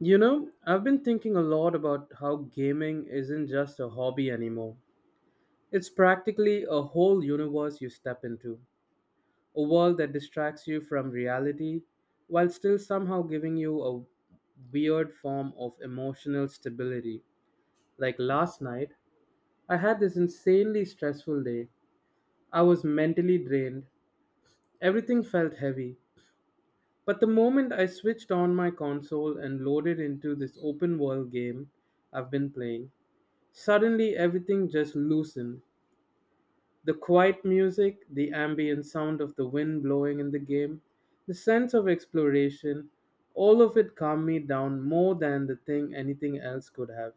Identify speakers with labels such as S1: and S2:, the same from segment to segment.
S1: You know, I've been thinking a lot about how gaming isn't just a hobby anymore. It's practically a whole universe you step into, a world that distracts you from reality while still somehow giving you a weird form of emotional stability. Like last night, I had this insanely stressful day. I was mentally drained, everything felt heavy. But the moment I switched on my console and loaded into this open world game I've been playing, suddenly, everything just loosened. The quiet music, the ambient sound of the wind blowing in the game, the sense of exploration, all of it calmed me down more than the thing anything else could have.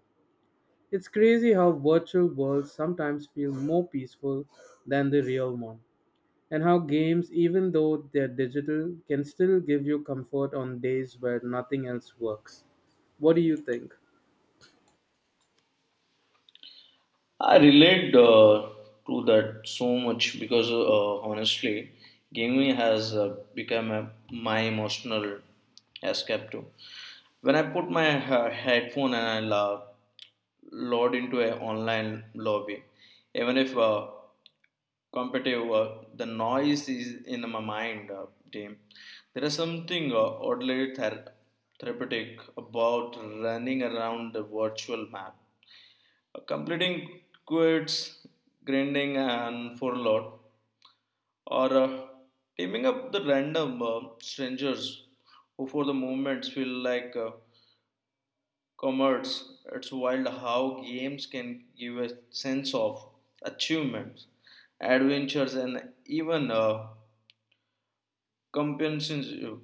S1: It's crazy how virtual worlds sometimes feel more peaceful than the real one, and how games, even though they're digital, can still give you comfort on days where nothing else works. What do you think?
S2: I relate to that so much because honestly, gaming has become my emotional escape too. When I put my headphone and I load into an online lobby, even if competitive, the noise is in my mind. Team, there is something oddly therapeutic about running around the virtual map completing quits, grinding, and for a lot, or teaming up the random strangers who, for the moments, feel like commerce. It's wild how games can give a sense of achievements, adventures, and even compensation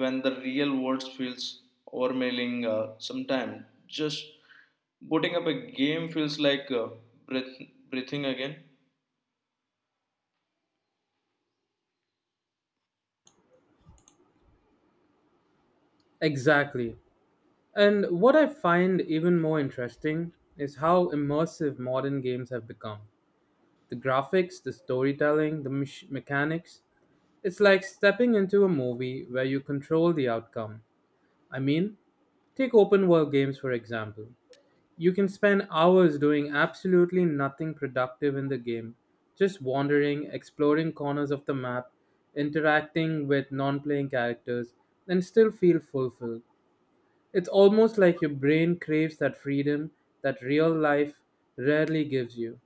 S2: when the real world feels overwhelming. Sometimes just booting up a game feels like breath- breathing again.
S1: Exactly. And what I find even more interesting is how immersive modern games have become. The graphics, the storytelling, the mechanics. It's like stepping into a movie where you control the outcome. I mean, take open world games for example. You can spend hours doing absolutely nothing productive in the game, just wandering, exploring corners of the map, interacting with non playing characters, and still feel fulfilled. It's almost like your brain craves that freedom that real life rarely gives you.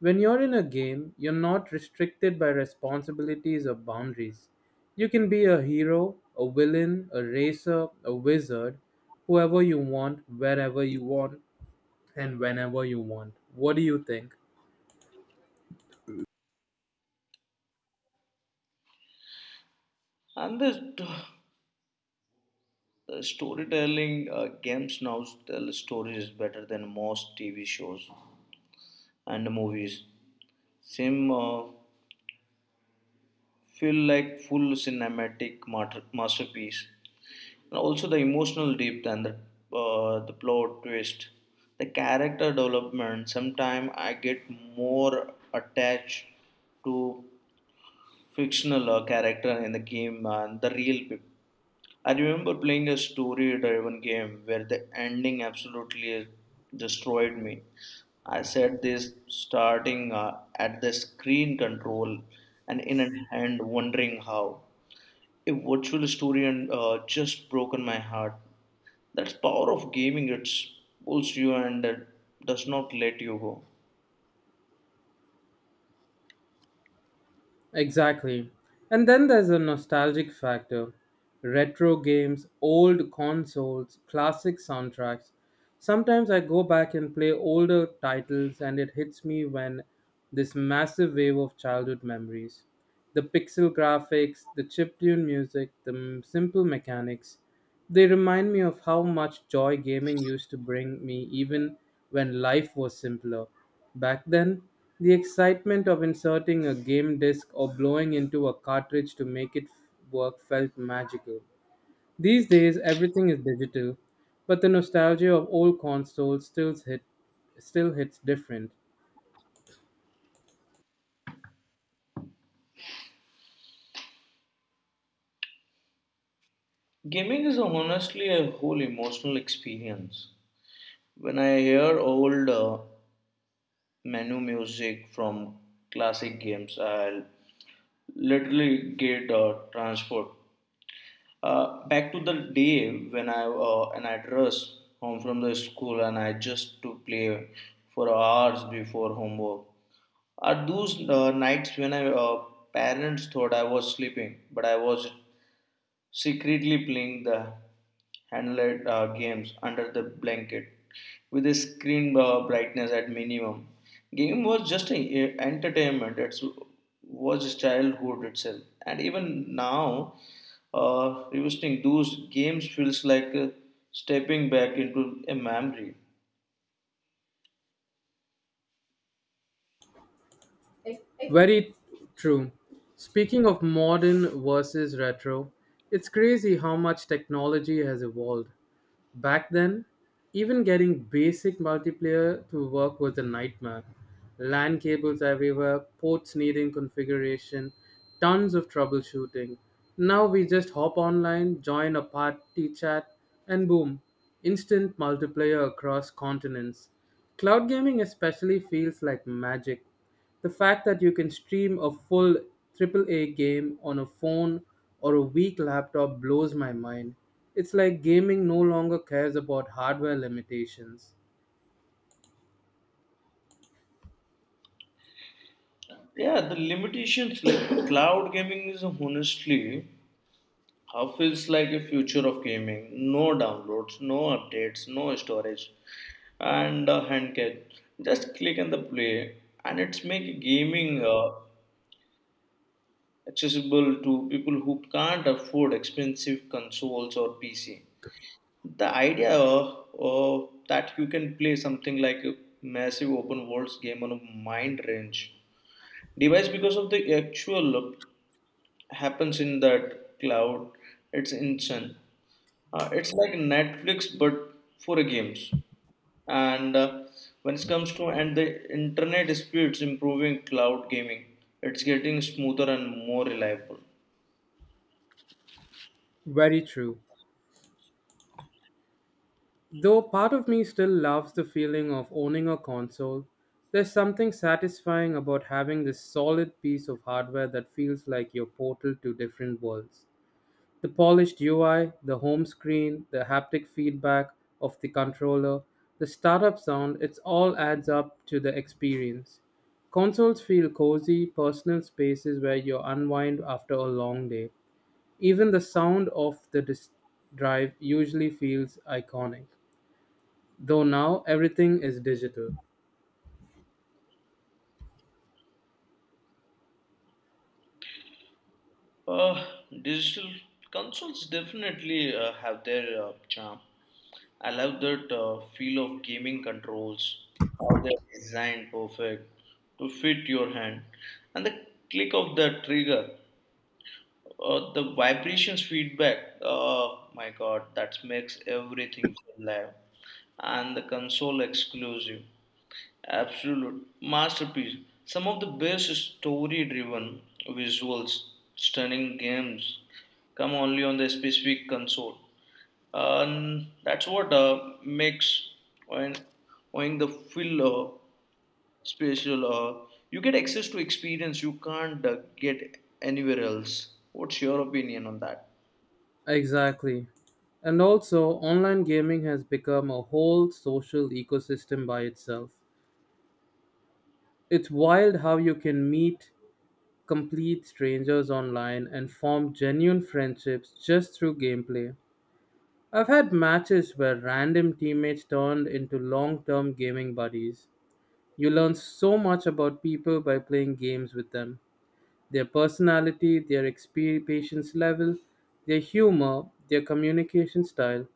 S1: When you're in a game, you're not restricted by responsibilities or boundaries. You can be a hero, a villain, a racer, a wizard, whoever you want, wherever you want, and whenever you want. What do you think?
S2: And the st- the storytelling games now tell stories better than most TV shows and movies. Same feel like full cinematic masterpiece. And also the emotional depth and the plot twist, the character development. Sometimes I get more attached to fictional character in the game and the real people. I remember playing a story driven game where the ending absolutely destroyed me. I set this starting at the screen control and in a hand, wondering how. A virtual story and just broken my heart. That's power of gaming. It pulls you and does not let you go.
S1: Exactly. And then there's a nostalgic factor retro games, old consoles, classic soundtracks. Sometimes I go back and play older titles, and it hits me when this massive wave of childhood memories. The pixel graphics, the chiptune music, the simple mechanics, they remind me of how much joy gaming used to bring me even when life was simpler. Back then, the excitement of inserting a game disc or blowing into a cartridge to make it work felt magical. These days, everything is digital, but the nostalgia of old consoles still hits different.
S2: Gaming is honestly a whole emotional experience. When I hear old menu music from classic games, I'll literally get transport back to the day when I and I dress home from the school and I just to play for hours before homework. Are those nights when I parents thought I was sleeping, but I was secretly playing the handled games under the blanket with the screen brightness at minimum. Game was just a entertainment. It was childhood itself, and even now, revisiting those games feels like stepping back into a memory.
S1: Very true. Speaking of modern versus retro, it's crazy how much technology has evolved. Back then, even getting basic multiplayer to work was a nightmare. LAN cables everywhere, ports needing configuration, tons of troubleshooting. Now we just hop online, join a party chat, and boom, instant multiplayer across continents. Cloud gaming especially feels like magic. The fact that you can stream a full triple A game on a phone or a weak laptop blows my mind. It's like gaming no longer cares about hardware limitations.
S2: Yeah, the limitations like cloud gaming is honestly how feels like a future of gaming. No downloads, no updates, no storage and a hand catch. Just click on the play, and it's make gaming accessible to people who can't afford expensive consoles or PC. The idea that you can play something like a massive open worlds game on a mind range device because of the actual happens in that cloud. It's insane. It's like Netflix but for games. And when it comes to and the internet speed is improving cloud gaming, it's getting smoother and more reliable.
S1: Very true. Though part of me still loves the feeling of owning a console, there's something satisfying about having this solid piece of hardware that feels like your portal to different worlds. The polished UI, the home screen, the haptic feedback of the controller, the startup sound, it all adds up to the experience. Consoles feel cozy, personal spaces where you unwind after a long day. Even the sound of the disk drive usually feels iconic, though now everything is digital.
S2: Uh, digital consoles definitely have their charm. I love that feel of gaming controls, how they're designed perfect to fit your hand, and the click of the trigger. The vibrations feedback. Oh my god, that makes everything feel live. And the console exclusive. Absolute masterpiece. Some of the best story-driven visuals, stunning games, come only on the specific console. And that's what makes when when the filler special you get access to experience you can't get anywhere else. What's your opinion on that?
S1: Exactly. And also, online gaming has become a whole social ecosystem by itself. It's wild how you can meet complete strangers online and formed genuine friendships just through gameplay. I've had matches where random teammates turned into long term gaming buddies. You learn so much about people by playing games with them. Their personality, their patience level, their humor, their communication style.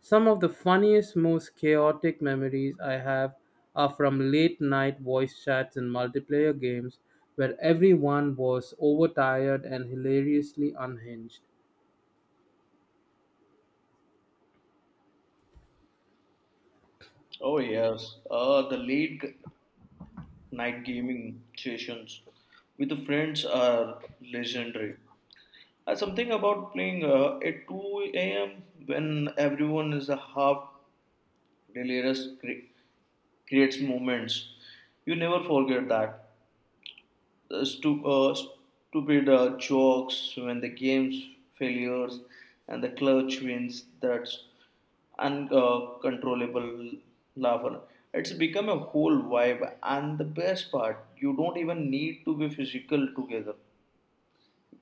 S1: Some of the funniest, most chaotic memories I have are from late night voice chats in multiplayer games where everyone was overtired and hilariously unhinged.
S2: Oh yes, night gaming sessions with the friends are legendary. Something about playing at 2 a.m when everyone is a half delirious creates moments you never forget that. The stupid jokes when the game's failures and the clutch wins, that's uncontrollable laughter. It's become a whole vibe, and the best part, you don't even need to be physical together.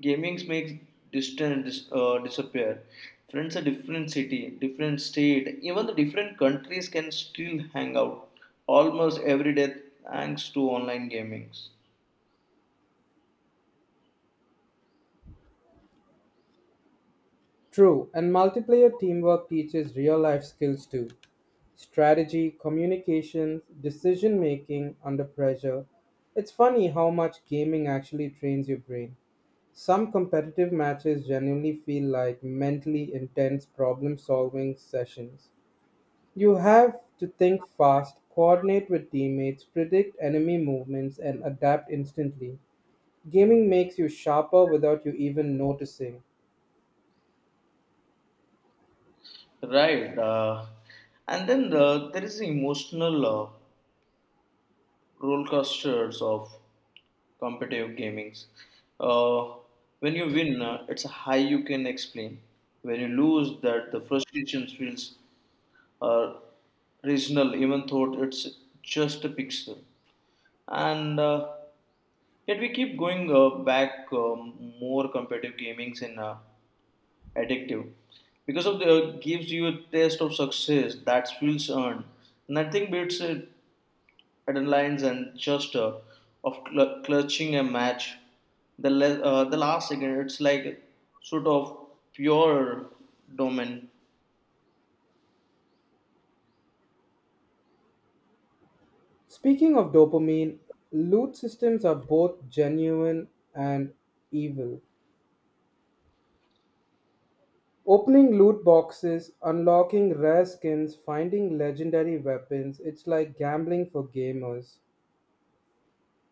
S2: Gaming makes distance disappear. Friends are different city, different state, even the different countries can still hang out almost every day thanks to online gamings.
S1: True, and multiplayer teamwork teaches real life skills too strategy, communication, decision making under pressure. It's funny how much gaming actually trains your brain. Some competitive matches genuinely feel like mentally intense problem solving sessions. You have to think fast, coordinate with teammates, predict enemy movements, and adapt instantly. Gaming makes you sharper without you even noticing.
S2: Right. And then there is the emotional roller coasters of competitive gamings. Uh, when you win, it's a high you can explain. When you lose, that the frustration feels uh, regional, even though it's just a pixel. And yet we keep going back more competitive gamings in addictive because of the gives you a taste of success that feels earned. Nothing beats it. Adrenalines and gesture of clutching a match. The last second, it's like sort of pure domain.
S1: Speaking of dopamine, loot systems are both genuine and evil. Opening loot boxes, unlocking rare skins, finding legendary weapons, it's like gambling for gamers.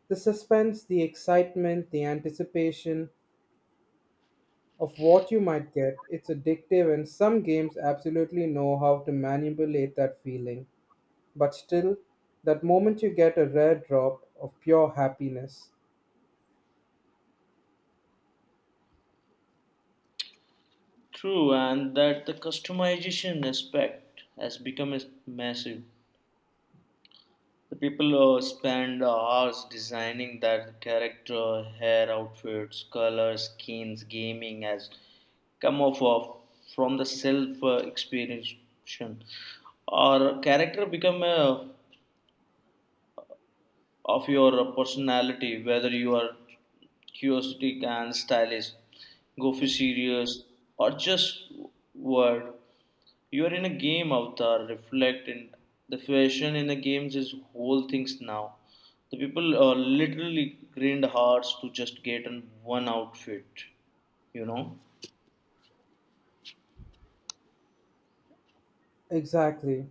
S1: The suspense, the excitement, the anticipation of what you might get, it's addictive, and some games absolutely know how to manipulate that feeling. But still, that moment you get a rare drop of pure happiness.
S2: True, and that the customization aspect has become massive. The people spend hours designing their character, hair, outfits, colors, skins. Gaming as come off of from the self experiencing or character become of your personality, whether you are curiosity and stylish, go for serious or just word. You are in a game avatar reflect in the fashion in the games is whole things now. The people literally grind hearts to just get in one outfit, you know?
S1: Exactly.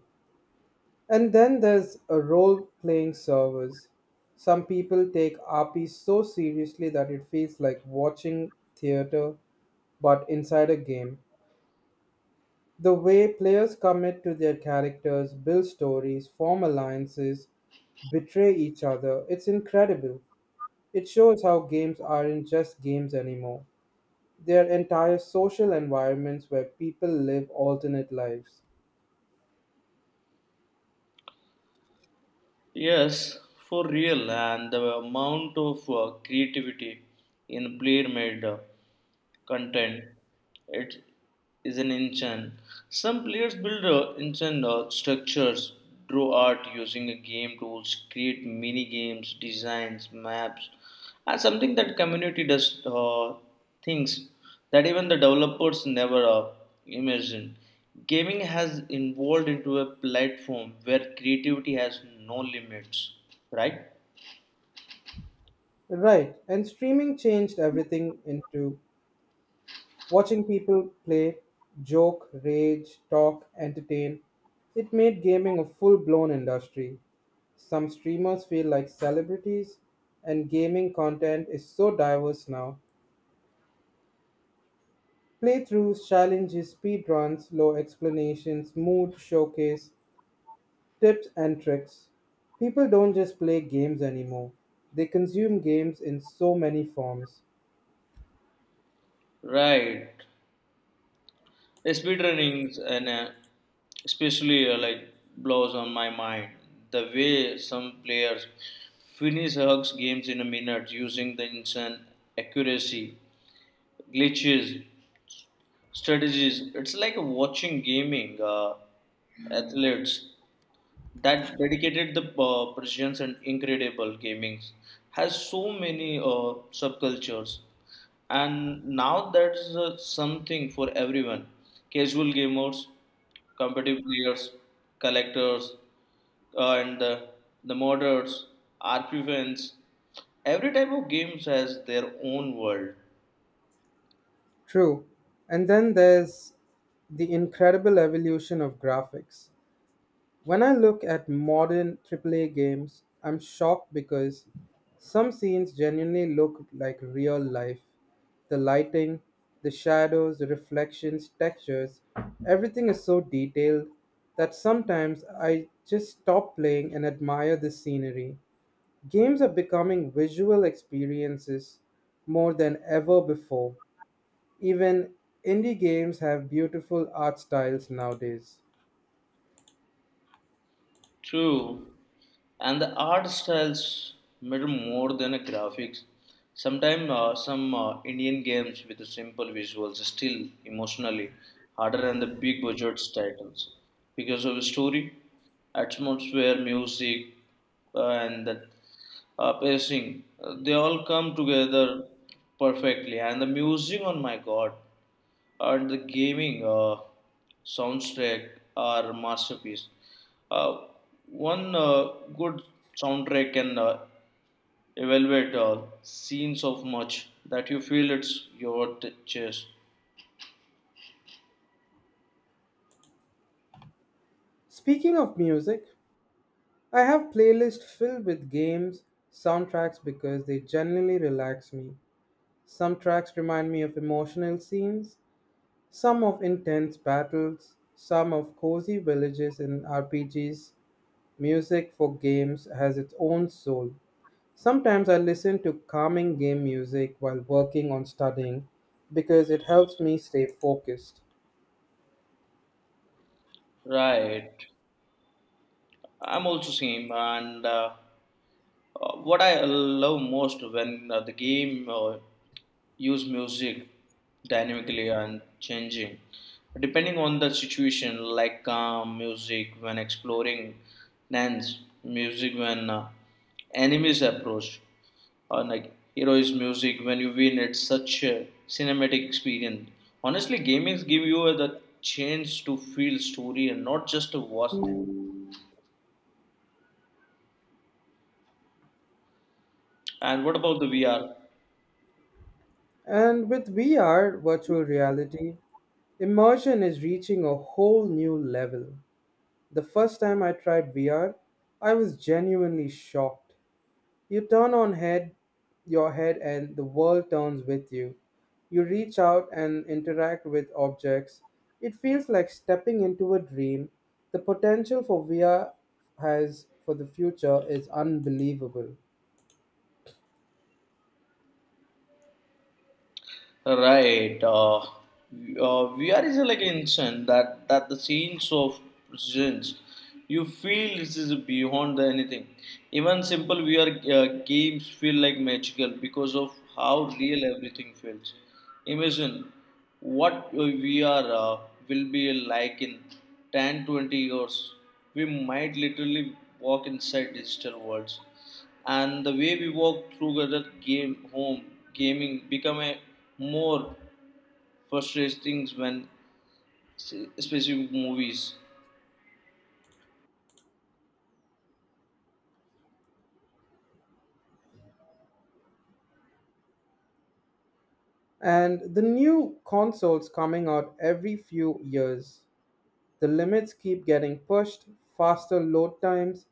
S1: And then there's a role playing servers. Some people take RP so seriously that it feels like watching theater but inside a game. The way players commit to their characters, build stories, form alliances, betray each other, it's incredible. It shows how games aren't just games anymore. They are entire social environments where people live alternate lives.
S2: Yes, for real, and the amount of creativity in player made content, it is an engine. Some players build engine structures, draw art using a game tools, create mini games, designs, maps, and something that community does things that even the developers never imagined. Gaming has evolved into a platform where creativity has no limits, right?
S1: Right, and streaming changed everything into watching people play, joke, rage, talk, entertain. It made gaming a full blown industry. Some streamers feel like celebrities, and gaming content is so diverse now. Playthroughs, challenges, speedruns, low explanations, mood showcase, tips and tricks. People don't just play games anymore, they consume games in so many forms.
S2: right speedrunnings and especially like blows on my mind, the way some players finish hugs games in a minute using the instant accuracy glitches strategies. It's like watching gaming athletes that dedicated the precision and incredible gaming has so many subcultures, and now that's something for everyone: casual gamers, competitive players, collectors, and the modders, RP fans. Every type of games has their own world.
S1: True. And then there's the incredible evolution of graphics. When I look at modern AAA games, I'm shocked because some scenes genuinely look like real life. The lighting, the shadows, the reflections, textures, everything is so detailed that sometimes I just stop playing and admire the scenery. Games are becoming visual experiences more than ever before. Even indie games have beautiful art styles nowadays.
S2: True, and the art styles matter more than a graphics. Sometimes some Indian games with the simple visuals are still emotionally harder than the big budget titles because of the story, atmosphere, music, and the pacing. They all come together perfectly, and the music, oh my god, and the gaming soundtrack are masterpiece. Uh, one good soundtrack can evaluate scenes of much that you feel it's your chest.
S1: Speaking of music, I have playlists filled with games, soundtracks because they generally relax me. Some tracks remind me of emotional scenes, some of intense battles, some of cozy villages in RPGs. Music for games has its own soul. Sometimes I listen to calming game music while working on studying because it helps me stay focused.
S2: Right. I'm also same, and what I love most when the game use music dynamically and changing depending on the situation, like calm music when exploring, lands music when enemies approach, or like heroes music when you win. It's such a cinematic experience. Honestly gamings give you the chance to feel story and not just to watch them. And what about the VR?
S1: And with VR, virtual reality, immersion is reaching a whole new level. The first time I tried VR, I was genuinely shocked. You turn on head your head and the world turns with you. You reach out and interact with objects. It feels like stepping into a dream. The potential for VR has for the future is unbelievable.
S2: Right. VR is like instant that the scenes of presents you feel this is beyond the anything. Even simple VR games feel like magical because of how real everything feels. Imagine what your VR will be like in 10 20 years. We might literally walk inside digital worlds and the way we work together game home gaming become a more frustrating when specific movies.
S1: And the new consoles coming out every few years. The limits keep getting pushed, faster load times,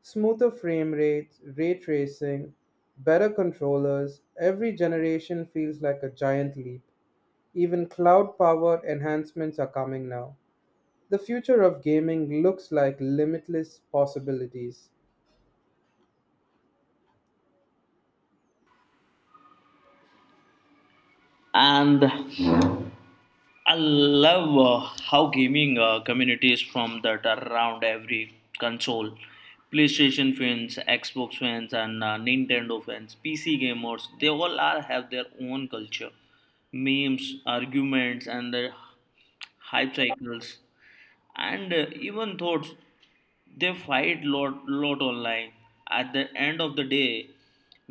S1: smoother frame rates, ray tracing, better controllers. Every generation feels like a giant leap. Even cloud powered enhancements are coming now. The future of gaming looks like limitless possibilities.
S2: And I love how gaming communities from that around every console, PlayStation fans, Xbox fans, and Nintendo fans, PC gamers, they all are have their own culture, memes, arguments, and the hype cycles, and even thoughts they fight lot online. At the end of the day,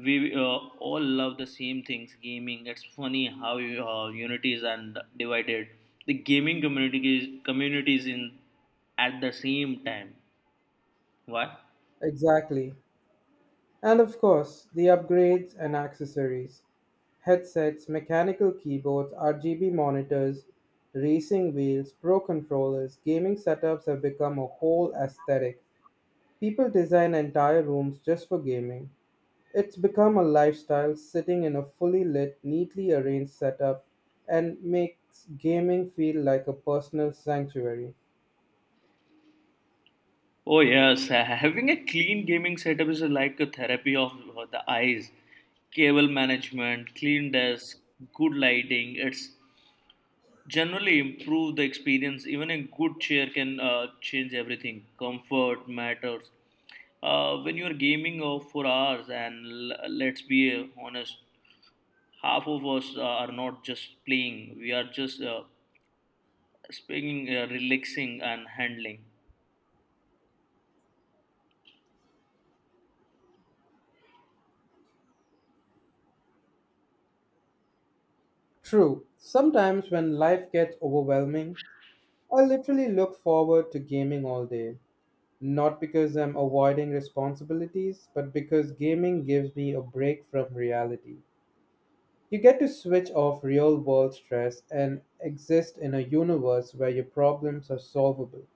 S2: we all love the same things gaming. It's funny how unity is and divided the gaming community is communities in at the same time. Why?
S1: Exactly. And of course, the upgrades and accessories headsets, mechanical keyboards, RGB monitors, racing wheels, pro controllers, gaming setups have become a whole aesthetic. People design entire rooms just for gaming. It's become a lifestyle sitting in a fully lit, neatly arranged setup and makes gaming feel like a personal sanctuary.
S2: Oh yes, having a clean gaming setup is like a therapy of the eyes, cable management, clean desk, good lighting, it's generally improve the experience. Even a good chair can change everything. Comfort matters. When you are gaming for hours, and let's be honest, half of us are not just playing. We are just speaking, relaxing, and handling.
S1: True, sometimes when life gets overwhelming, I literally look forward to gaming all day. Not because I'm avoiding responsibilities, but because gaming gives me a break from reality. You get to switch off real world stress and exist in a universe where your problems are solvable.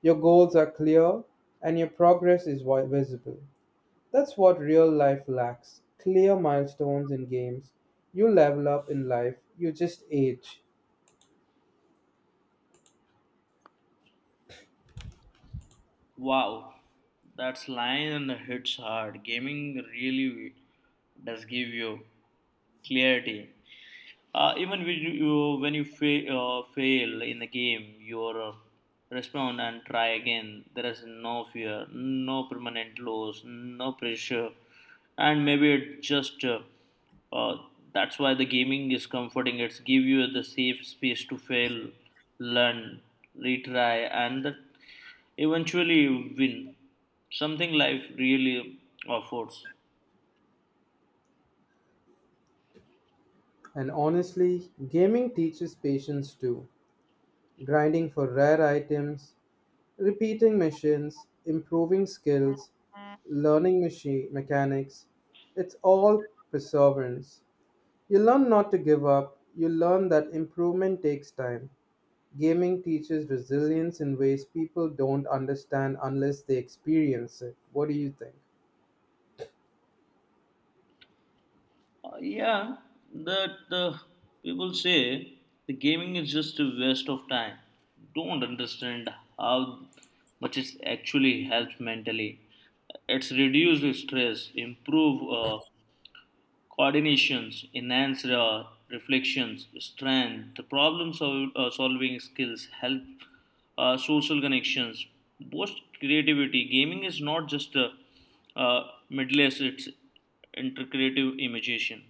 S1: Your goals are clear and your progress is visible. That's what real life lacks clear milestones in games. You level up in life, you just age.
S2: Wow, that's line hits hard. Gaming really does give you clarity. Even when you when you fail in the game, you respond and try again. There is no fear, no permanent loss, no pressure, and maybe it just uh, that's why the gaming is comforting. It's give you the safe space to fail, learn, retry, and that eventually win. Something life really affords.
S1: And honestly, gaming teaches patience too. Grinding for rare items, repeating missions, improving skills, learning machine mechanics, it's all perseverance. You learn not to give up, you learn that improvement takes time. Gaming teaches resilience in ways people don't understand unless they experience it. What do you think?
S2: Yeah, that people say the gaming is just a waste of time. Don't understand how much it actually helps mentally. It's reduced stress, improve coordinations, enhance reflections, strength, the problem solving skills, help social connections, boost creativity. Gaming is not just a uh, uh, middle, it's intercreative imagination.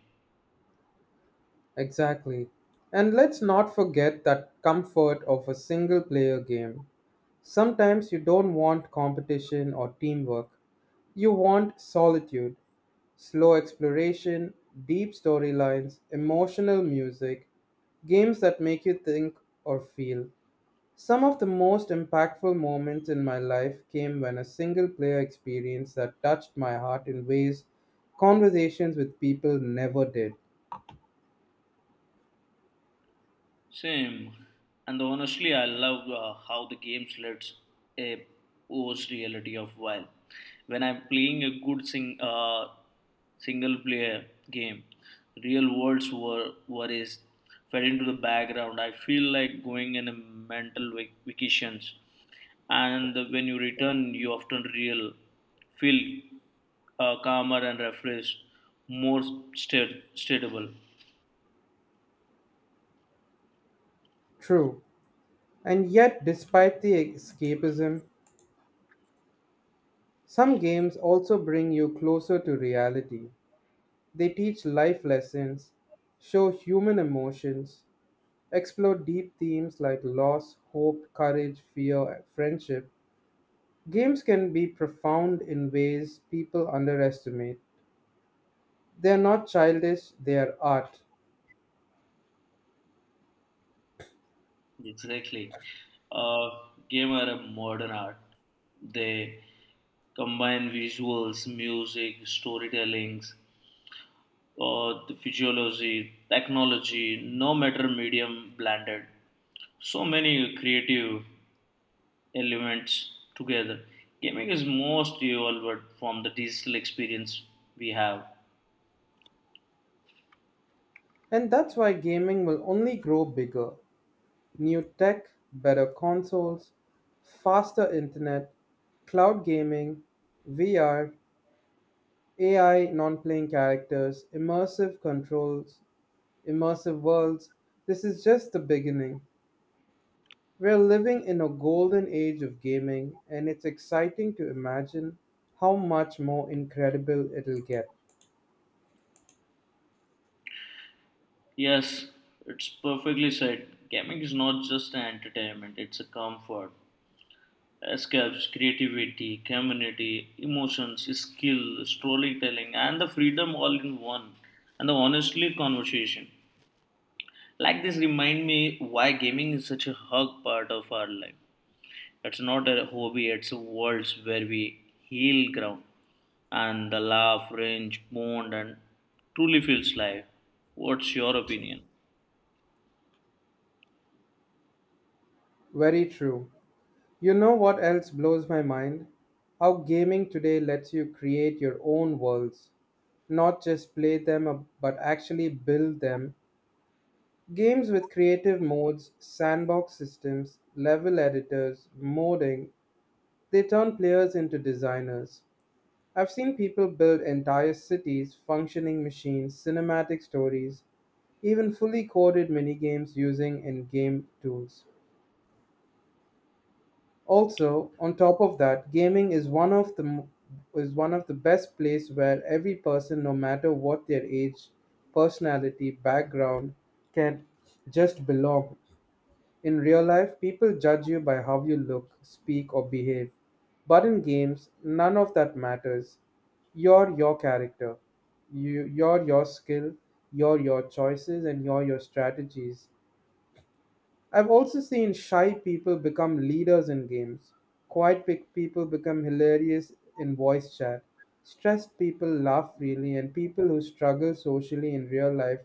S1: Exactly. And let's not forget that comfort of a single player game. Sometimes you don't want competition or teamwork. You want solitude. Slow exploration, deep storylines, emotional music, games that make you think or feel. Some of the most impactful moments in my life came when a single player experience that touched my heart in ways conversations with people never did.
S2: Same. And honestly, I love how the game lets a post reality of while. When I'm playing a good single player game, real world's worries fed into the background. I feel like going in a mental vacations. And when you return, you often real feel calmer and refreshed, more stable.
S1: True. And yet, despite the escapism, some games also bring you closer to reality. They teach life lessons, show human emotions, explore deep themes like loss, hope, courage, fear, and friendship. Games can be profound in ways people underestimate. They are not childish, they are art.
S2: Exactly. Uh, game are a modern art. They combine visuals, music, storytellings, or the physiology, technology, no matter medium blended. So many creative elements together. Gaming is most evolved from the digital experience we have.
S1: And that's why gaming will only grow bigger. New tech, better consoles, faster internet, cloud gaming, VR, AI, non playing characters, immersive controls, immersive worlds. This is just the beginning. We're living in a golden age of gaming, and it's exciting to imagine how much more incredible it'll get.
S2: Yes, it's perfectly said. Gaming is not just an entertainment, it's a comfort. Escapes, creativity, community, emotions, skill, storytelling, and the freedom all in one. And the honestly conversation. Like this remind me why gaming is such a hug part of our life. It's not a hobby, it's a world where we heal ground and the laugh, range, bond and truly feels life. What's your opinion?
S1: Very true. You know what else blows my mind? How gaming today lets you create your own worlds. Not just play them, but actually build them. Games with creative modes, sandbox systems, level editors, modding, they turn players into designers. I've seen people build entire cities, functioning machines, cinematic stories, even fully coded minigames using in game tools. Also, on top of that, gaming is one of the best place where every person, no matter what their age, personality, background, can just belong. In real life, people judge you by how you look, speak, or behave. But in games, none of that matters. You're your character. You're your skill, you're your choices, and you're your strategies. I've also seen shy people become leaders in games. Quiet people become hilarious in voice chat. Stressed people laugh freely, and people who struggle socially in real life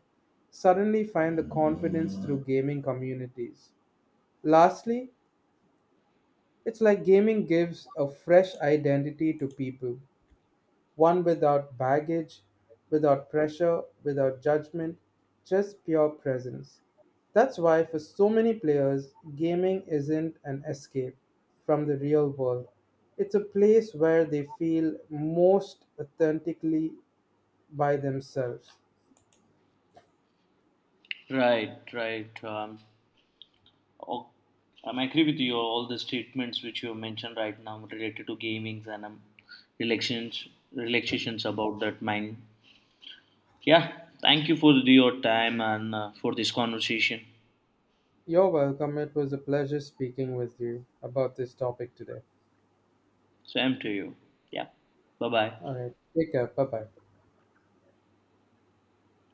S1: suddenly find the confidence through gaming communities. Lastly, it's like gaming gives a fresh identity to people, one without baggage, without pressure, without judgment, just pure presence. That's why, for so many players, gaming isn't an escape from the real world. It's a place where they feel most authentically by themselves.
S2: Right, right. Oh, I agree with you. All the statements which you have mentioned right now related to gamings and relations, relaxations about that mind. Yeah, thank you for your time and for this conversation.
S1: You're welcome. It was a pleasure speaking with you about this topic today.
S2: Same to you. Yeah, bye bye.
S1: All right. Take care. Bye bye.